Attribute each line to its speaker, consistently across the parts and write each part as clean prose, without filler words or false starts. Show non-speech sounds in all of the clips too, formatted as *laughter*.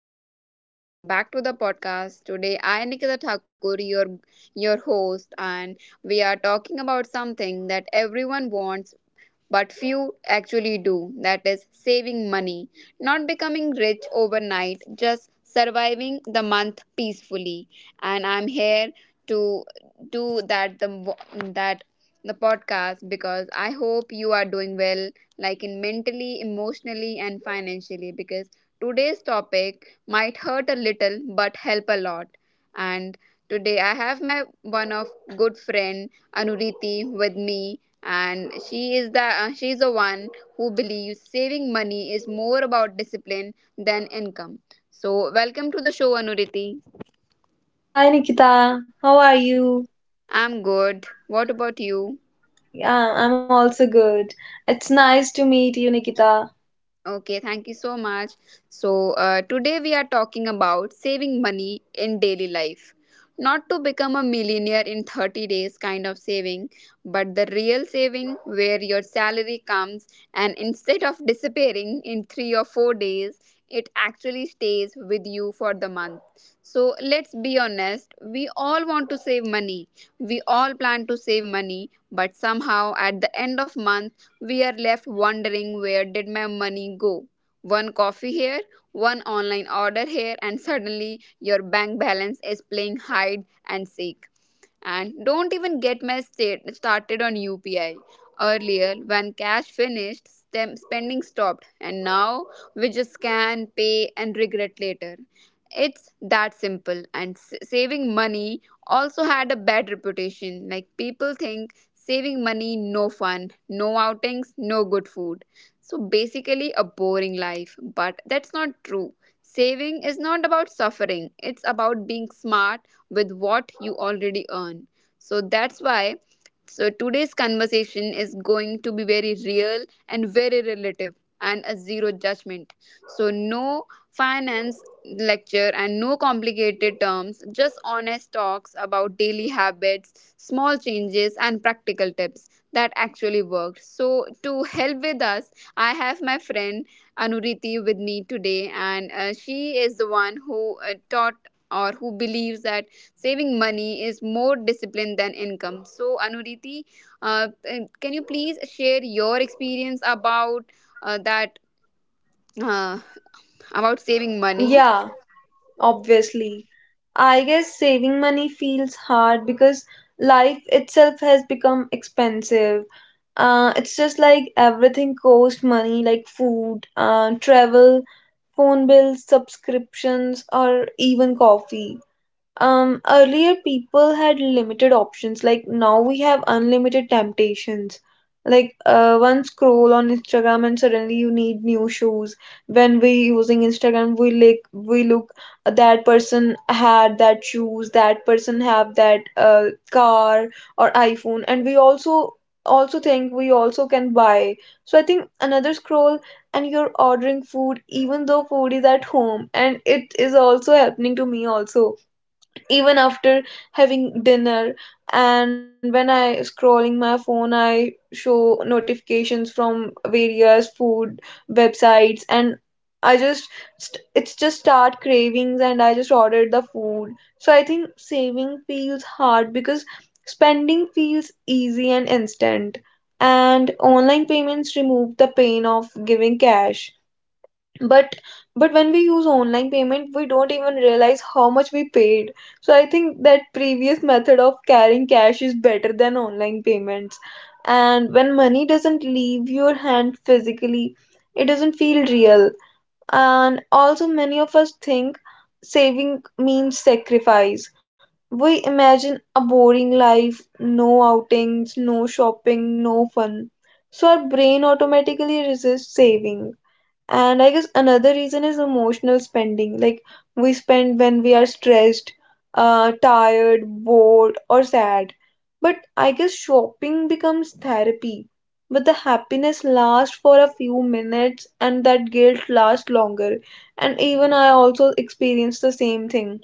Speaker 1: everyone, welcome back to the podcast. Today, I, Nikita Thakur, your host, and we are talking about something that everyone wants but few actually do, that is, saving money. Not becoming rich overnight, just surviving the month peacefully. And I'm here to do that the podcast, because I hope you are doing well, like in mentally, emotionally, and financially. Because today's topic might hurt a little but help a lot. And today I have my one of good friend Anuriti with me, and she is the one who believes saving money is more about discipline than income. So welcome to the show, Anuriti.
Speaker 2: Hi Nikita, how are you?
Speaker 1: I'm good. What about you?
Speaker 2: Yeah, I'm also good. It's nice to meet you, Nikita.
Speaker 1: Okay, thank you so much. So, today we are talking about saving money in daily life. Not to become a millionaire in 30 days kind of saving, but the real saving where your salary comes and instead of disappearing in 3 or 4 days, it actually stays with you for the month. So, let's be honest, we all want to save money. We all plan to save money, but somehow at the end of month, we are left wondering, where did my money go? One coffee here, one online order here, and suddenly your bank balance is playing hide and seek. And don't even get me started on UPI. Earlier, when cash finished, spending stopped, and now we just scan, pay, and regret later. It's that simple. And saving money also had a bad reputation. Like people think saving money, no fun, no outings, no good food. So basically, a boring life. But that's not true. Saving is not about suffering, it's about being smart with what you already earn. So that's why so today's conversation is going to be very real and very relative and a zero judgment. So no finance lecture and no complicated terms, just honest talks about daily habits, small changes and practical tips that actually work. So to help with us, I have my friend Anuriti with me today, and she is the one who taught or who believes that saving money is more discipline than income. So, Anuriti, can you please share your experience about that uh, about saving money?
Speaker 2: Yeah, obviously. I guess saving money feels hard because life itself has become expensive. It's just like everything costs money, like food, travel, phone bills, subscriptions, or even coffee. Earlier people had limited options. Like now we have unlimited temptations. Like one scroll on Instagram and suddenly you need new shoes. When we using Instagram, we look that person had that shoes, that person have that car or iPhone, and we also think we also can buy. So I think another scroll and you're ordering food even though food is at home, and it is also happening to me also even after having dinner. And when I scrolling my phone, I show notifications from various food websites, and i just it's just start cravings, and I just ordered the food. So I think saving feels hard because spending feels easy and instant, and online payments remove the pain of giving cash. But but when we use online payment, we don't even realize how much we paid. So I think that previous method of carrying cash is better than online payments. And when money doesn't leave your hand physically, it doesn't feel real. And also many of us think saving means sacrifice. We imagine a boring life: no outings, no shopping, no fun. So our brain automatically resists saving. And I guess another reason is emotional spending. Like we spend when we are stressed, tired, bored, or sad. But I guess shopping becomes therapy. But the happiness lasts for a few minutes and that guilt lasts longer. And even I also experienced the same thing.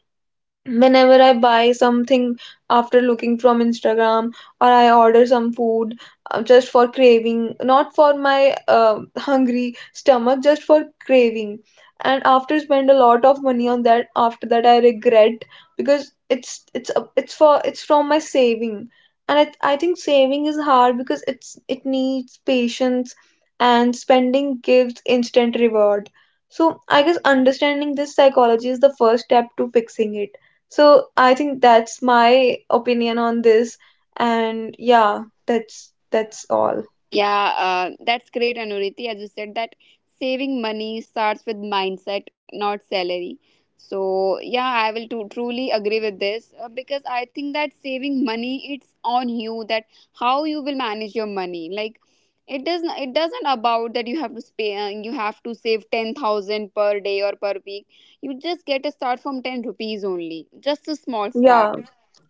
Speaker 2: Whenever I buy something after looking from Instagram, or I order some food, just for craving, not for my hungry stomach, just for craving, and after spend a lot of money on that, after that I regret because it's a- it's for it's from my saving. And I think saving is hard because it needs patience, and spending gives instant reward. So I guess understanding this psychology is the first step to fixing it. So I think that's my opinion on this, and yeah, that's all.
Speaker 1: Yeah, that's great, Anuriti. As you said, that saving money starts with mindset, not salary. So yeah, I will to truly agree with this because I think that saving money, it's on you that how you will manage your money. Like it doesn't about that you have to pay you have to save 10,000 per day or per week. You just get a start from ten rupees only, just a small start
Speaker 2: Yeah.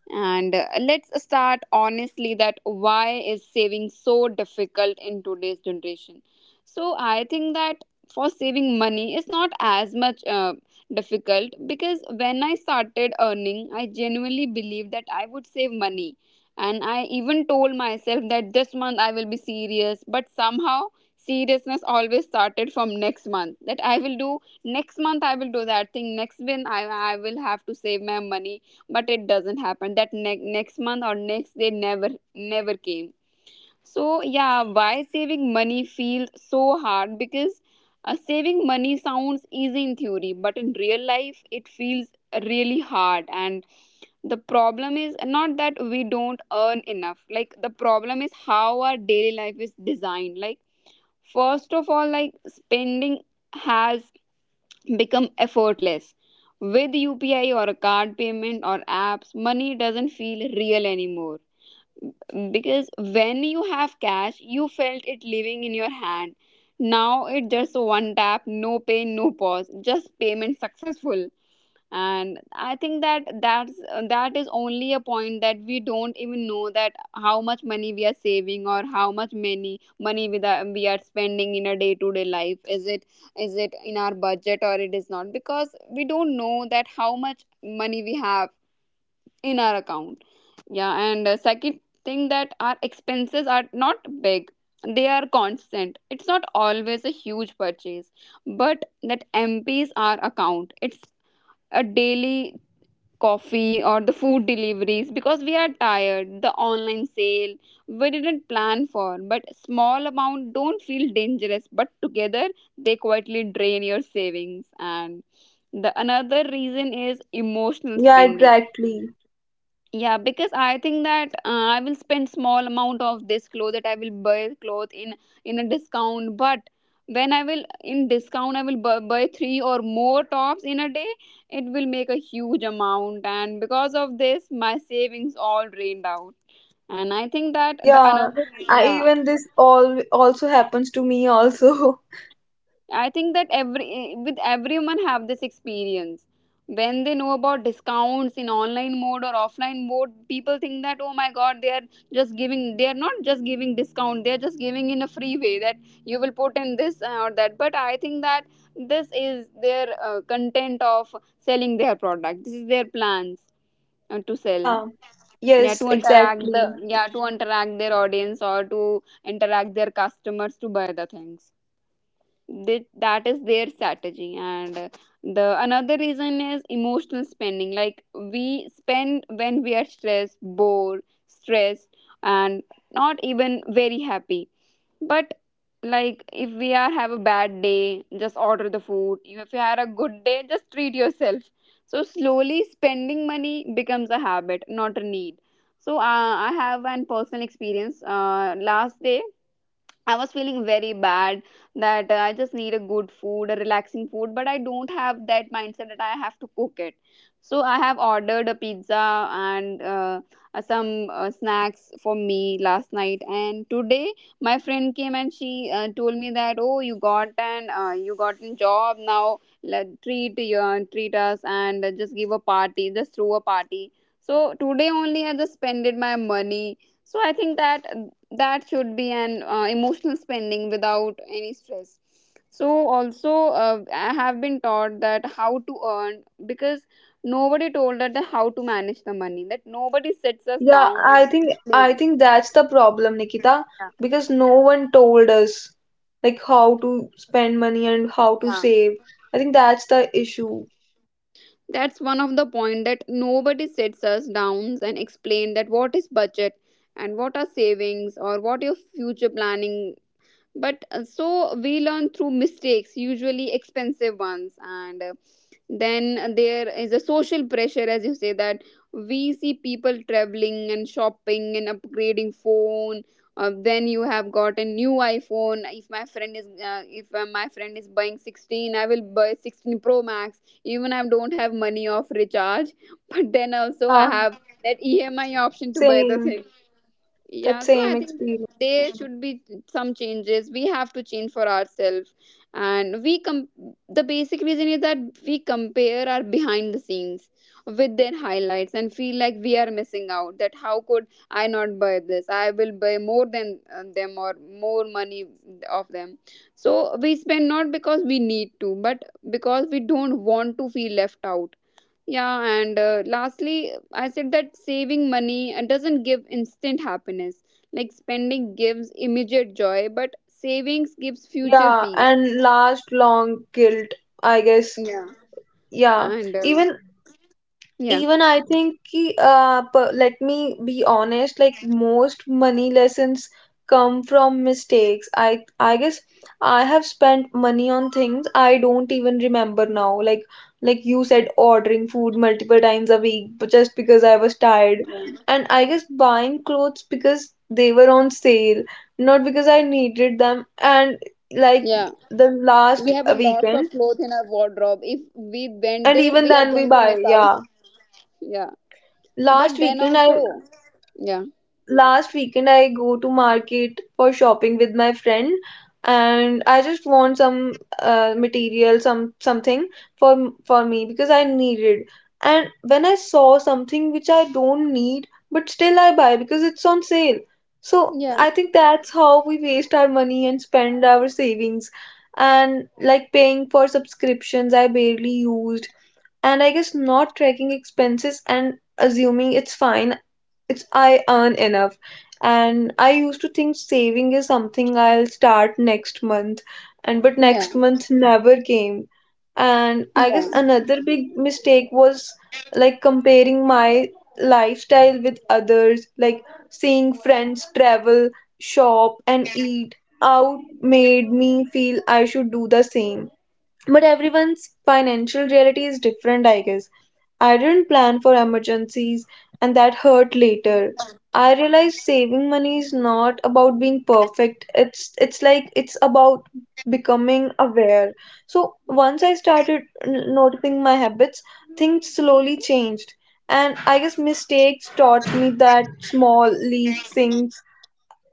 Speaker 1: and let's start honestly, that why is saving so difficult in today's generation? So I think that for saving money is not as much difficult, because when I started earning, I genuinely believed that I would save money. And I even told myself that this month I will be serious, but somehow seriousness always started from next month, that I will do next month, I will do that thing, next month I will have to save my money, but it doesn't happen. That next month or next day never came. So yeah, why saving money feels so hard? Because saving money sounds easy in theory, but in real life it feels really hard. And the problem is not that we don't earn enough, like the problem is how our daily life is designed. Like first of all, like spending has become effortless. With UPI or a card payment or apps, money doesn't feel real anymore. Because when you have cash, you felt it living in your hand. Now it's just one tap, no pain, no pause, just payment successful. And I think that that is only a point, that we don't even know that how much money we are saving, or how much many money we are spending in a day to day life. Is it in our budget or it is not, because we don't know that how much money we have in our account. Yeah, and second thing, that our expenses are not big, they are constant. It's not always a huge purchase, but that empties our account. It's a daily coffee or the food deliveries because we are tired, the online sale we didn't plan for. But small amount don't feel dangerous, but together they quietly drain your savings. And the another reason is emotional
Speaker 2: Yeah,
Speaker 1: spending.
Speaker 2: exactly.
Speaker 1: Yeah, because I think that I will spend small amount of this clothes, that I will buy cloth in a discount. But when I will in discount, I will buy three or more tops in a day, it will make a huge amount, and because of this my savings all drained out. And I think that the
Speaker 2: Yeah.
Speaker 1: another,
Speaker 2: I
Speaker 1: yeah.
Speaker 2: even this all also happens to me also. *laughs*
Speaker 1: I think that every, with everyone have this experience. When they know about discounts in online mode or offline mode, people think that, oh my god, they are just giving. They are not just giving discount. They are just giving in a free way, that you will put in this or that. But I think that this is their content of selling their product. This is their plans to sell.
Speaker 2: Yeah.
Speaker 1: Yeah,
Speaker 2: Yes,
Speaker 1: to interact the,
Speaker 2: exactly.
Speaker 1: yeah, to interact their audience or to interact their customers to buy the things. Th- that is their strategy. And the another reason is emotional spending, like we spend when we are stressed bored stressed and not even very happy. But like if we are have a bad day, just order the food. If you had a good day, just treat yourself. So slowly spending money becomes a habit, not a need. So I have an personal experience. Last day I was feeling very bad, that I just need a good food, a relaxing food, but I don't have that mindset that I have to cook it. So I have ordered a pizza and some snacks for me last night. And today my friend came and she told me that, oh, you got an you got a job now. Let, treat you, treat us and just give a party, just throw a party. So today only I just spended my money. So I think that that should be an emotional spending without any stress. So also I have been taught that how to earn, because nobody told us the how to manage the money, that nobody sits us
Speaker 2: Yeah,
Speaker 1: down and
Speaker 2: I think I
Speaker 1: explains.
Speaker 2: think that's the problem, Nikita,
Speaker 1: Yeah.
Speaker 2: because no one told us like how to spend money and how to
Speaker 1: Yeah,
Speaker 2: save. I think that's the issue.
Speaker 1: that's one of the point, that nobody sits us down and explain that what is budget and what are savings, or what your future planning. But so we learn through mistakes, usually expensive ones. And then there is a social pressure, as you say, that we see people traveling and shopping and upgrading phone. Then you have got a new iPhone. If my friend is if my friend is buying 16, I will buy 16 Pro Max. Even I don't have money of recharge, *laughs* but then also I
Speaker 2: Yeah,
Speaker 1: have that EMI option to buy the
Speaker 2: same.
Speaker 1: thing.
Speaker 2: That
Speaker 1: Yeah, so
Speaker 2: same
Speaker 1: I think that
Speaker 2: experience.
Speaker 1: there should be some changes. We have to change for ourselves, and we com. The basic reason is that we compare our behind the scenes with their highlights and feel like we are missing out. That how could I not buy this? I will buy more than them or more money of them. So we spend not because we need to, but because we don't want to feel left out. Yeah, and lastly, I said that saving money doesn't give instant happiness. Like spending gives immediate joy, but savings gives future
Speaker 2: Yeah,
Speaker 1: peace.
Speaker 2: and last long guilt, I guess.
Speaker 1: Yeah,
Speaker 2: Yeah,
Speaker 1: and
Speaker 2: even
Speaker 1: yeah.
Speaker 2: even I think, ki, per- let me be honest, like most money lessons come from mistakes. I guess I have spent money on things I don't even remember now. Like you said, ordering food multiple times a week but just because I was tired,
Speaker 1: Yeah,
Speaker 2: and I guess buying clothes because they were on sale, not because I needed them. And like
Speaker 1: yeah.
Speaker 2: the last
Speaker 1: We have a lot of
Speaker 2: weekend,
Speaker 1: clothes in our wardrobe. If we went
Speaker 2: and
Speaker 1: there,
Speaker 2: even
Speaker 1: we are
Speaker 2: then we
Speaker 1: going to
Speaker 2: buy,
Speaker 1: miss out.
Speaker 2: yeah.
Speaker 1: Yeah,
Speaker 2: last
Speaker 1: but then
Speaker 2: weekend i
Speaker 1: also, yeah,
Speaker 2: Last weekend I go to market for shopping with my friend, and I just want some material, some something for me because I need it. And when I saw something which I don't need but still I buy because it's on sale. So
Speaker 1: yeah,
Speaker 2: I think that's how we waste our money and spend our savings. And like paying for subscriptions I barely used, and I guess not tracking expenses and assuming it's fine, it's I earn enough. And I used to think saving is something I'll start next month, and but
Speaker 1: yeah,
Speaker 2: next month never came. And I guess
Speaker 1: yeah.
Speaker 2: another big mistake was like comparing my lifestyle with others, like seeing friends travel, shop, and eat out made me feel I should do the same, but everyone's financial reality is different, I guess. I didn't plan for emergencies, and that hurt later. I realized saving money is not about being perfect. It's about becoming aware. So once I started noticing my habits, things slowly changed. And I guess mistakes taught me that small leaks, things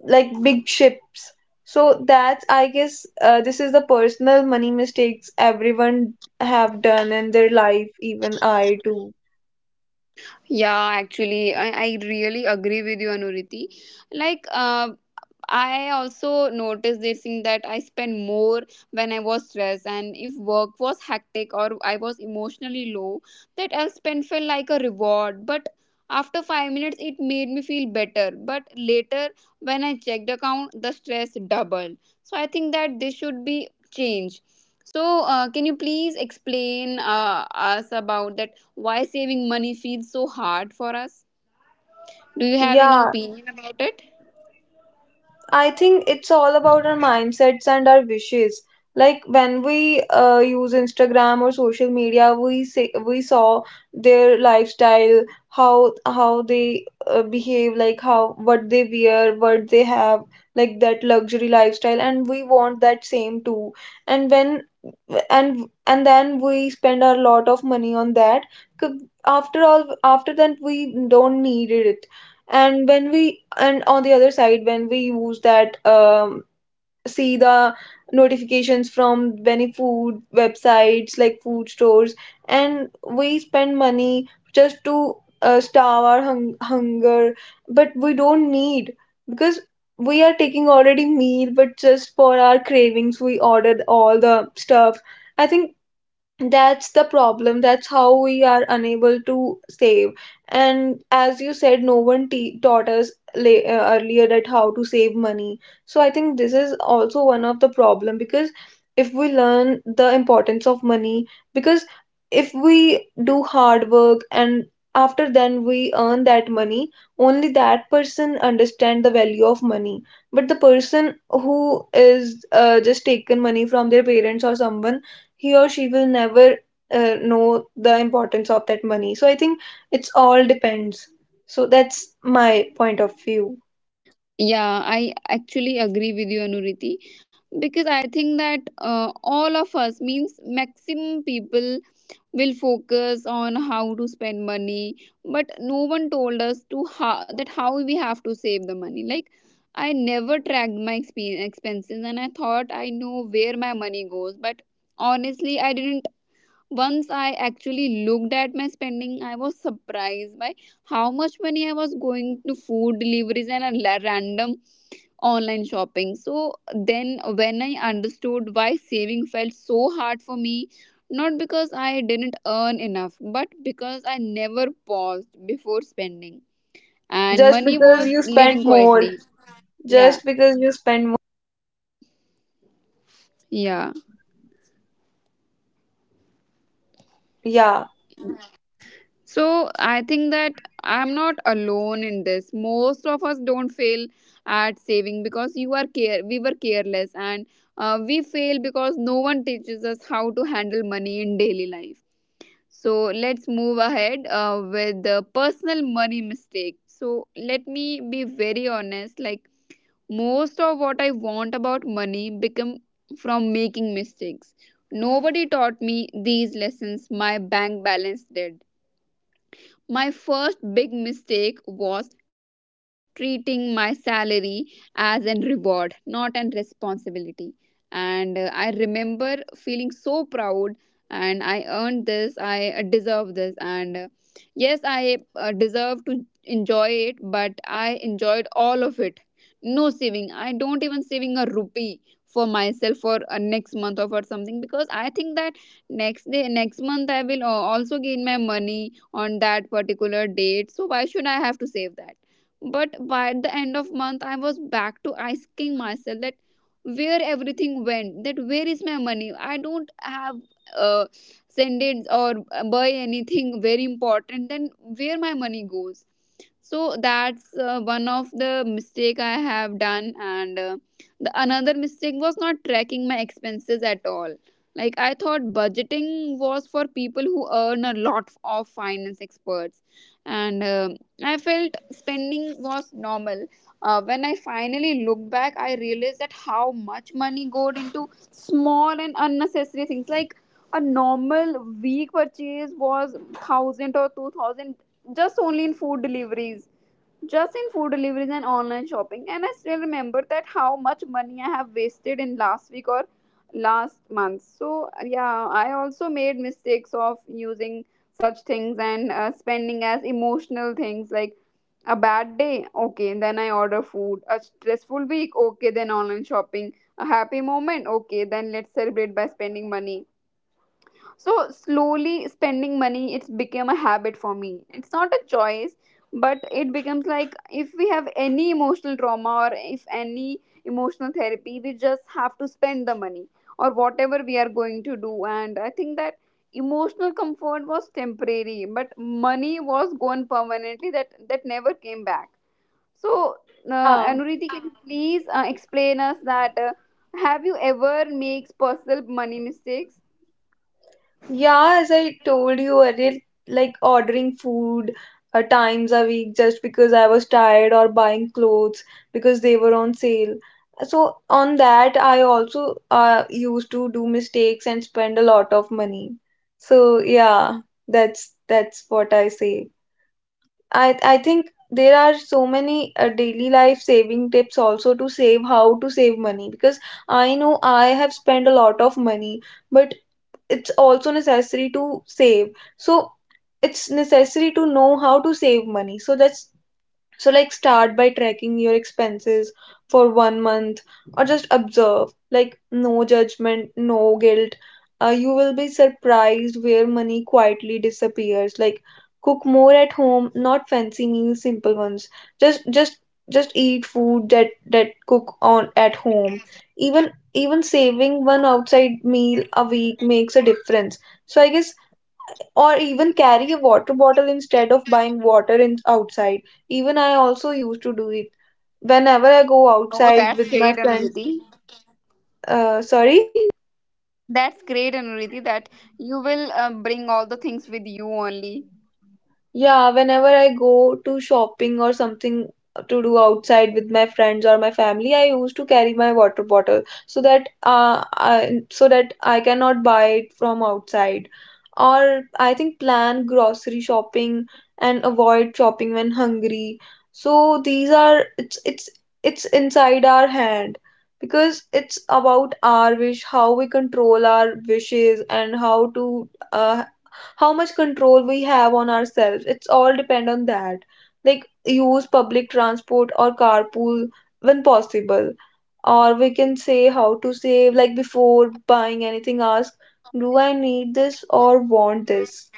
Speaker 2: like big ships. So that's I guess this is the personal money mistakes everyone have done in their life, even I too.
Speaker 1: Yeah, actually, I really agree with you, Anuriti. Like, I also noticed this thing, that I spend more when I was stressed, and if work was hectic or I was emotionally low, that I'll spend felt like a reward. But after 5 minutes, it made me feel better. But later, when I checked the account, the stress doubled. So I think that this should be changed. So can you please explain us about that? Why saving money feels so hard for us? Do you have any
Speaker 2: Yeah,
Speaker 1: opinion about it?
Speaker 2: I think it's all about our mindsets and our wishes. Like when we use Instagram or social media, we say we saw their lifestyle, how they behave, like how what they wear, what they have, like that luxury lifestyle, and we want that same too. And when and then we spend a lot of money on that. After all, after that we don't need it. And when we and on the other side, when we use that see the notifications from many food websites like food stores, and we spend money just to starve our hunger, but we don't need because we are taking already meal, but just for our cravings we ordered all the stuff. I think that's the problem. That's how we are unable to save. And as you said, no one taught us earlier that how to save money. So I think this is also one of the problem because if we learn the importance of money, because if we do hard work and after then we earn that money, only that person understand the value of money. But the person who is just taken money from their parents or someone, he or she will never know the importance of that money. So I think it's all depends. So that's my point of view.
Speaker 1: Yeah, I actually agree with you, Anuriti, because I think that all of us means maximum people will focus on how to spend money, but no one told us to how, that how we have to save the money. Like I never tracked my expenses, and I thought I know where my money goes, but honestly, I didn't. Once I actually looked at my spending, I was surprised by how much money I was going to food deliveries and random online shopping. So then, when I understood why saving felt so hard for me, not because I didn't earn enough, but because I never paused before spending and
Speaker 2: Just
Speaker 1: money
Speaker 2: because
Speaker 1: was
Speaker 2: you spend
Speaker 1: living
Speaker 2: more,
Speaker 1: quietly. Yeah,
Speaker 2: just because you spend more.
Speaker 1: yeah.
Speaker 2: Yeah,
Speaker 1: So I think that I'm not alone in this. Most of us don't fail at saving because you are care we were careless and we fail because no one teaches us how to handle money in daily life. So let's move ahead with the personal money mistake. So let me be very honest. Like most of what I want about money become from making mistakes. Nobody taught me these lessons. My bank balance did. My first big mistake was treating my salary as an reward, not an responsibility. And I remember feeling so proud and I earned this, I deserve this. And yes, I deserve to enjoy it, but I enjoyed all of it. No saving. I don't even saving a rupee for myself for next month or for something because I think that next day next month I will also gain my money on that particular date, so why should I have to save that? But by the end of
Speaker 2: yeah,
Speaker 1: month I was
Speaker 2: exactly.
Speaker 1: back to asking myself that where everything went, that where is my money? I don't have uh, send it or buy anything very important, then where my money goes. So that's one of the mistake I have done, and the another mistake was not tracking my expenses at all. Like I thought budgeting was for people who earn a lot of finance experts, and I felt spending was normal. When I finally looked back, I realized that how much money goes into small and unnecessary things. Like a normal week purchase was 1,000 or 2,000, just only in food deliveries, just in food deliveries and online shopping. And I still remember that how much money I have wasted in last week or last month. So yeah, I also made mistakes of using such things and spending as emotional things. Like a bad day, okay, then I order food. A stressful week, okay, then online shopping. A happy moment, okay, then let's celebrate by spending money. So slowly spending money, it's became a habit for me. It's not a choice, but it becomes like if we have any emotional trauma or if any emotional therapy, we just have to spend the money or whatever we are going to do. And I think that emotional comfort was temporary, but money was gone permanently. That that never came back. So
Speaker 2: Yeah.
Speaker 1: Anuriti, can you please explain us that have you ever makes personal money mistakes?
Speaker 2: Yeah, as I told you earlier, like ordering food times a week just because I was tired, or buying clothes because they were on sale. So on that, I also used to do mistakes and spend a lot of money. So yeah, that's what I say. I think there are so many daily life saving tips also to save, how to save money, because I know I have spent a lot of money, but it's also necessary to save. So it's necessary to know how to save money. So that's, so, like, start by tracking your expenses for 1 month, or just observe, like, no judgment, no guilt. You will be surprised where money quietly disappears. Like, cook more at home, not fancy meals, simple ones. Just, just, just eat food that that cook on at home. Even saving one outside meal a week makes a difference. So I guess, or even carry a water bottle instead of buying water in outside. Even I also used to do it whenever I go
Speaker 1: Oh,
Speaker 2: outside
Speaker 1: that's
Speaker 2: with my
Speaker 1: great,
Speaker 2: friends.
Speaker 1: Anuriti.
Speaker 2: Sorry.
Speaker 1: That's great, Anuriti, that you will bring all the things with you only.
Speaker 2: Yeah, whenever I go to shopping or something to do outside with my friends or my family, I used to carry my water bottle so that so that I cannot buy it from outside. Or I think plan grocery shopping and avoid shopping when hungry. So these are it's inside our hand because it's about our wish, how we control our wishes, and how much control we have on ourselves, it's all depend on that. Like use public transport or carpool when possible. Or we can say how to save, like before buying anything, ask, do I need this or want this?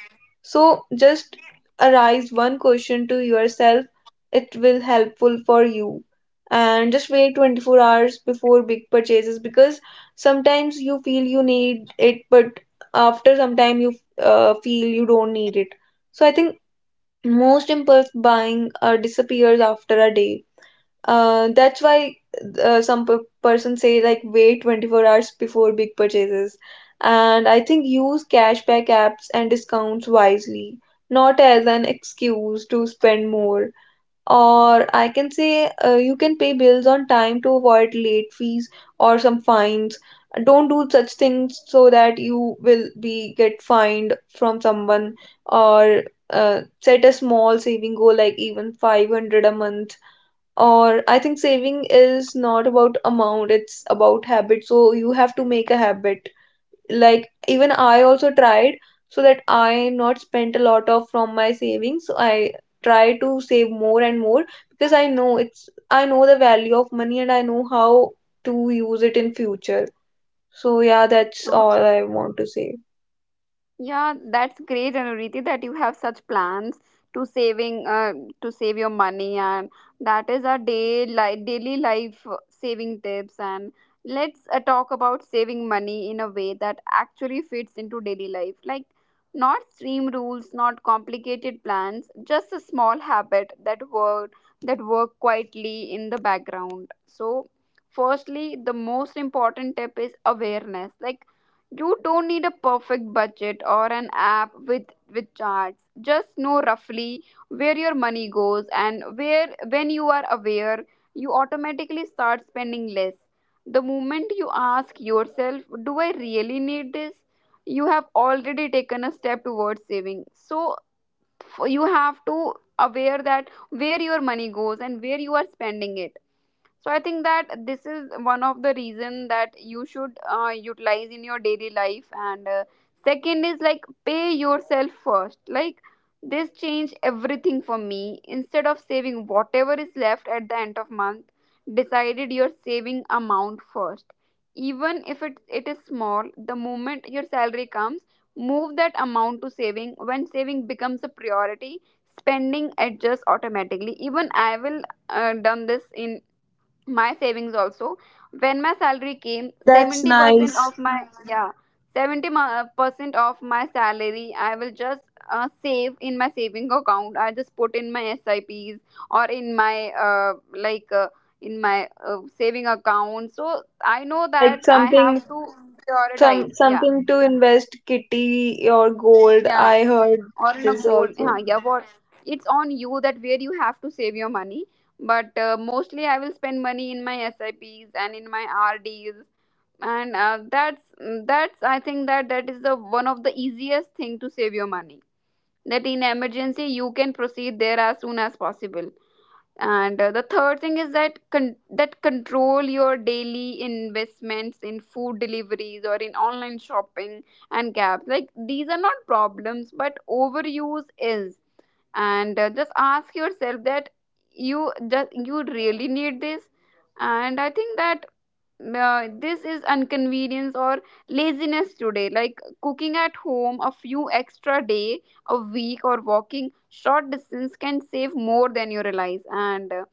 Speaker 2: So just arise one question to yourself, it will helpful for you. And just wait 24 hours before big purchases, because sometimes you feel you need it, but after some time you feel you don't need it. So I think most impulse buying disappears after a day. That's why some person say, like wait 24 hours before big purchases. And I think use cashback apps and discounts wisely, not as an excuse to spend more. Or I can say you can pay bills on time to avoid late fees or some fines. Don't do such things so that you will be get fined from someone. Or set a small saving goal, like even 500 a month. Or I think saving is not about amount, it's about habit. So you have to make a habit. Like even I also tried so that I not spent a lot of from my savings. So I try to save more and more because I know it's I know the value of money, and I know how to use it in future. So yeah, that's all I want to say.
Speaker 1: Yeah, that's great, Anuriti, that you have such plans to saving to save your money, and that is our daily life saving tips. And let's talk about saving money in a way that actually fits into daily life, like not stream rules, not complicated plans, just a small habit that work, that work quietly in the background. So, firstly, the most important tip is awareness, like you don't need a perfect budget or an app with charts. Just know roughly where your money goes and where. When you are aware, you automatically start spending less. The moment you ask yourself, do I really need this? You have already taken a step towards saving. So you have to aware that where your money goes and where you are spending it. So I think that this is one of the reason that you should utilize in your daily life. And second is like pay yourself first. Like this changed everything for me. Instead of saving whatever is left at the end of month, decided your saving amount first, even if it is small. The moment your salary comes, move that amount to saving. When saving becomes a priority, spending adjusts automatically. Even I will done this in my savings also. When my salary came,
Speaker 2: That's
Speaker 1: 70%
Speaker 2: nice.
Speaker 1: of my, yeah, 70% of my salary I will just save in my saving account. I just put in my sips or in my like in my saving account. So I
Speaker 2: Or
Speaker 1: know
Speaker 2: like
Speaker 1: that I
Speaker 2: something,
Speaker 1: have to prioritize.
Speaker 2: some
Speaker 1: Yeah,
Speaker 2: something to invest kitty or gold.
Speaker 1: yeah.
Speaker 2: I heard
Speaker 1: Or in a
Speaker 2: this
Speaker 1: goal,
Speaker 2: also.
Speaker 1: yeah, yeah. What, it's on you that where you have to save your money, but mostly I will spend money in my sips and in my rds. And that's, I think that that is the one of the easiest thing to save your money, that in emergency you can proceed there as soon as possible. And the third thing is that that control your daily investments in food deliveries or in online shopping and gaps. Like these are not problems but overuse is. And just ask yourself that you just you really need this. And I think that this is inconvenience or laziness today. Like cooking at home a few extra day a week or walking short distance can save more than you realize. And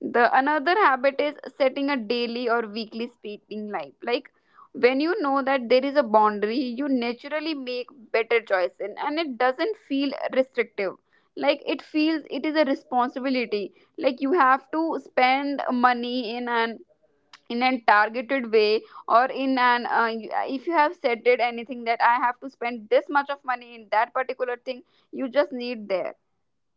Speaker 1: the another habit is setting a daily or weekly speaking life. Like when you know that there is a boundary, you naturally make better choice, and it doesn't feel restrictive. Like it feels it is a responsibility. Like you have to spend money in an in a targeted way or in an if you have set it anything that I have to spend this much of money in that particular thing, you just need there.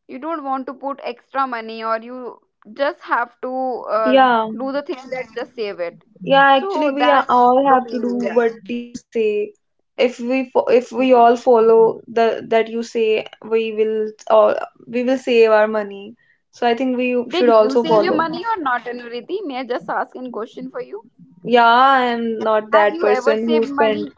Speaker 1: You don't want to put extra money or you just have to uh,
Speaker 2: Yeah.
Speaker 1: do the thing that just save it.
Speaker 2: Yeah, actually,
Speaker 1: So that's
Speaker 2: all
Speaker 1: the
Speaker 2: have to do
Speaker 1: thing, yeah.
Speaker 2: what you say. If we
Speaker 1: Yeah,
Speaker 2: all follow the that you say, we will all we will save our money. So I think we
Speaker 1: did
Speaker 2: should
Speaker 1: you
Speaker 2: also
Speaker 1: save your
Speaker 2: follow.
Speaker 1: money or not, Anuriti? May I just ask a question for you?
Speaker 2: Yeah, I am not
Speaker 1: Have
Speaker 2: that
Speaker 1: you ever
Speaker 2: person who
Speaker 1: saved
Speaker 2: spend.
Speaker 1: money?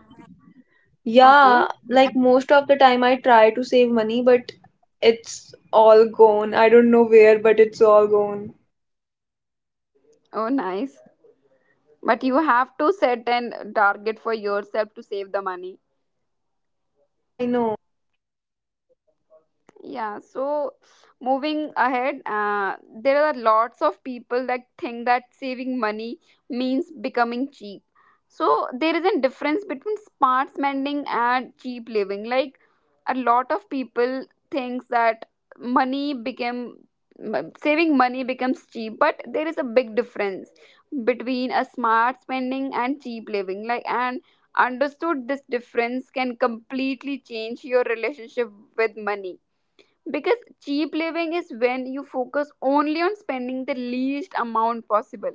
Speaker 1: Okay.
Speaker 2: Yeah, like most of the time I try to save money, but it's all gone. I don't know where, but it's all gone.
Speaker 1: Oh nice, but you have to set an target for yourself to save the money.
Speaker 2: Yeah, I know.
Speaker 1: Yeah, so moving ahead, there are lots of people that think that saving money means becoming cheap. So there is a difference between smart spending and cheap living. Like a lot of people thinks that money became saving money becomes cheap, but there is a big difference between a smart spending and cheap living. Like and understood this difference can completely change your relationship with money, because cheap living is when you focus only on spending the least amount possible,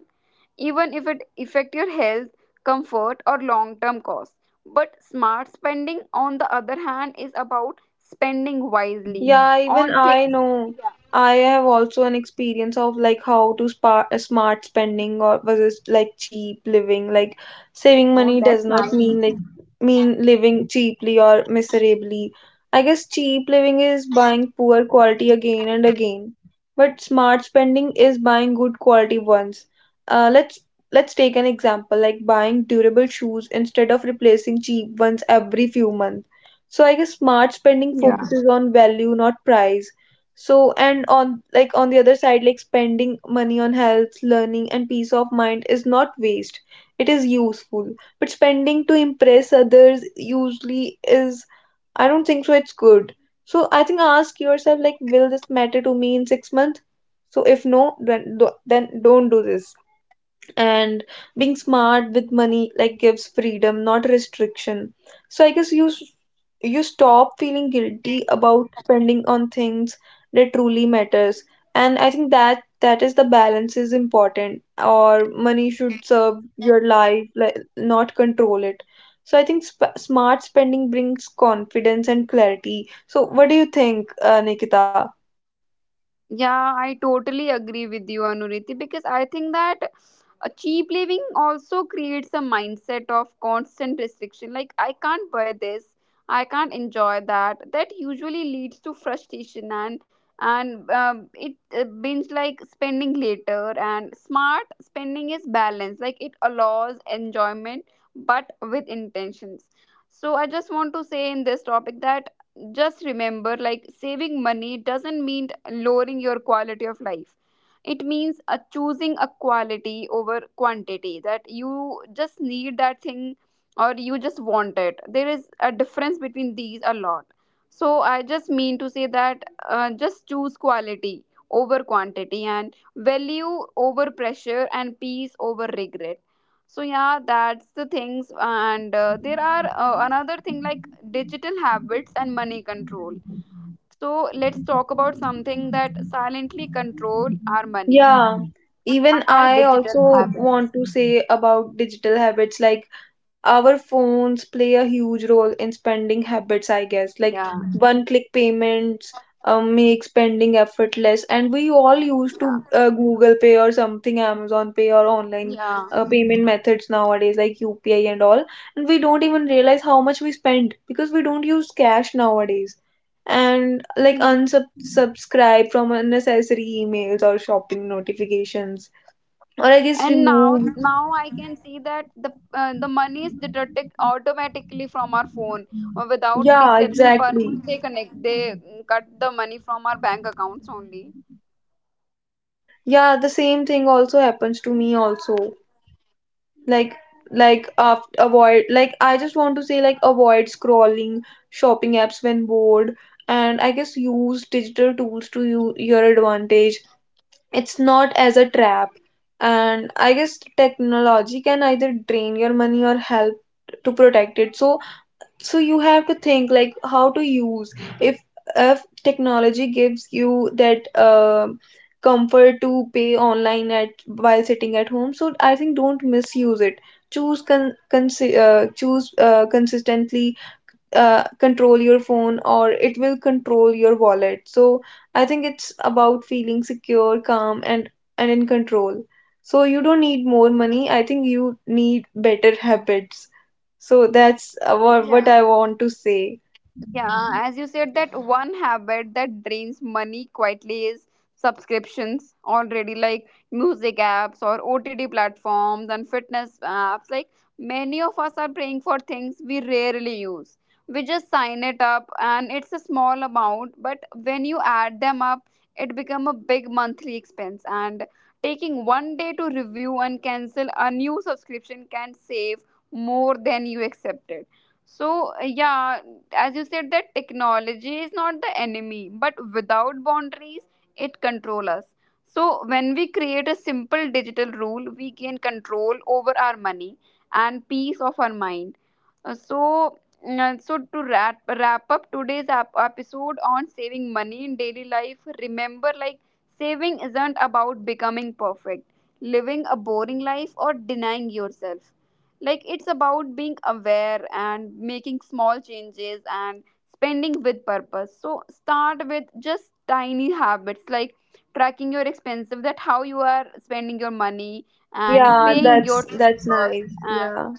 Speaker 1: even if it affect your health, comfort or long-term costs. But smart spending on the other hand is about spending wisely
Speaker 2: Yeah, even
Speaker 1: on
Speaker 2: I
Speaker 1: things.
Speaker 2: know.
Speaker 1: Yeah.
Speaker 2: I have also an experience of like how to spa smart spending or versus like cheap living. Like saving
Speaker 1: Oh,
Speaker 2: money does
Speaker 1: that's
Speaker 2: not
Speaker 1: nice.
Speaker 2: mean living cheaply or miserably. I guess cheap living is buying poor quality again and again, but smart spending is buying good quality ones. Uh, let's let's take an example like buying durable shoes instead of replacing cheap ones every few months. So I guess smart
Speaker 1: Yeah.
Speaker 2: spending focuses on value, not price. So and on like on the other side, like spending money on health, learning, and peace of mind is not waste. It is useful. But spending to impress others usually is, I don't think so it's good. So I think ask yourself, like will this matter to me in 6 months? So if no, then then don't do this. And being smart with money like gives freedom, not restriction. So I guess you you stop feeling guilty about spending on things that truly matters. And I think that that is the balance is important, or money should serve your life, like not control it. So I think smart spending brings confidence and clarity. So what do you think, Nikita?
Speaker 1: Yeah, I totally agree with you, Anuriti, because I think that a cheap living also creates a mindset of constant restriction. Like, I can't buy this, I can't enjoy that. That usually leads to frustration and it means like spending later. And smart spending is balanced, like it allows enjoyment but with intentions. So I just want to say in this topic that just remember, like saving money doesn't mean lowering your quality of life. It means choosing a quality over quantity, that you just need that thing or you just want it. There is a difference between these a lot. So I just mean to say that just choose quality over quantity and value over pressure and peace over regret. So yeah, that's the things. And there are another thing like digital habits and money control. So let's talk about something that silently control our money,
Speaker 2: Yeah, even
Speaker 1: our
Speaker 2: I
Speaker 1: digital
Speaker 2: also
Speaker 1: habits.
Speaker 2: want to say about digital habits. Like our phones play a huge role in spending habits, I guess. Like
Speaker 1: Yeah,
Speaker 2: one click payments make spending effortless, and we all used
Speaker 1: yeah,
Speaker 2: to Google Pay or something, Amazon Pay, or online
Speaker 1: yeah,
Speaker 2: payment methods nowadays like UPI and all, and we don't even realize how much we spend because we don't use cash nowadays. And like
Speaker 1: yeah.
Speaker 2: unsubscribe from unnecessary emails or shopping notifications, or I guess
Speaker 1: And now,
Speaker 2: remove,
Speaker 1: now I can see that the money is deducted automatically from our phone or without an
Speaker 2: yeah,
Speaker 1: exception per
Speaker 2: exactly.
Speaker 1: month. They connect, they cut the money from our bank accounts only.
Speaker 2: Yeah, the same thing also happens to me also. Like like after avoid like I just want to say, like avoid scrolling shopping apps when bored. And I guess use digital tools to you, your advantage, it's not as a trap. And I guess technology can either drain your money or help to protect it. So so you have to think like how to use, if if technology gives you that comfort to pay online at while sitting at home, so I think don't misuse it. Choose con, con choose Consistently control your phone, or it will control your wallet. So I think it's about feeling secure, calm, and in control. So you don't need more money. I think you need better habits. So that's what
Speaker 1: Yeah.
Speaker 2: I want to say.
Speaker 1: Yeah, as you said, that one habit that drains money quietly is subscriptions already, like music apps or OTT platforms and fitness apps. Like many of us are paying for things we rarely use. We just sign it up, and it's a small amount, but when you add them up, it become a big monthly expense. And taking one day to review and cancel a new subscription can save more than you accepted. So yeah, as you said that technology is not the enemy but without boundaries it controls us. So when we create a simple digital rule, we gain control over our money and peace of our mind. So so to wrap up today's episode on saving money in daily life, remember like saving isn't about becoming perfect, living a boring life or denying yourself. Like it's about being aware and making small changes and spending with purpose. So start with just tiny habits like tracking your expenses, that how you are spending your money, and
Speaker 2: Yeah,
Speaker 1: paying
Speaker 2: that's
Speaker 1: yourself
Speaker 2: that's
Speaker 1: first,
Speaker 2: nice.
Speaker 1: and
Speaker 2: Yeah,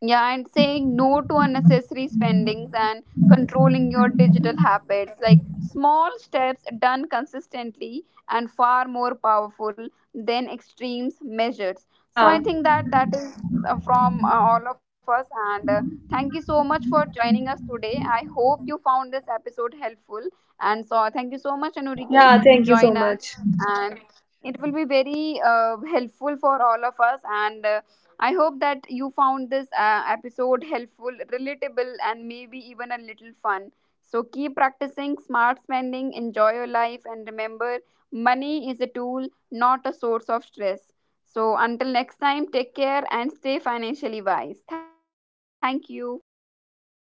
Speaker 1: yeah, and saying no to unnecessary spendings and controlling your digital habits. Like small steps done consistently and far more powerful than extremes measures. So
Speaker 2: yeah,
Speaker 1: I think that that is from all of us. And thank you so much for joining us today. I hope you found this episode helpful. And so thank you so much, Anuriti,
Speaker 2: yeah.
Speaker 1: to
Speaker 2: Thank you
Speaker 1: join
Speaker 2: so
Speaker 1: us.
Speaker 2: much.
Speaker 1: And it will be very helpful for all of us. And I hope that you found this episode helpful, relatable, and maybe even a little fun. So keep practicing smart spending, enjoy your life, and remember money is a tool, not a source of stress. So until next time, take care and stay financially wise. Thank you.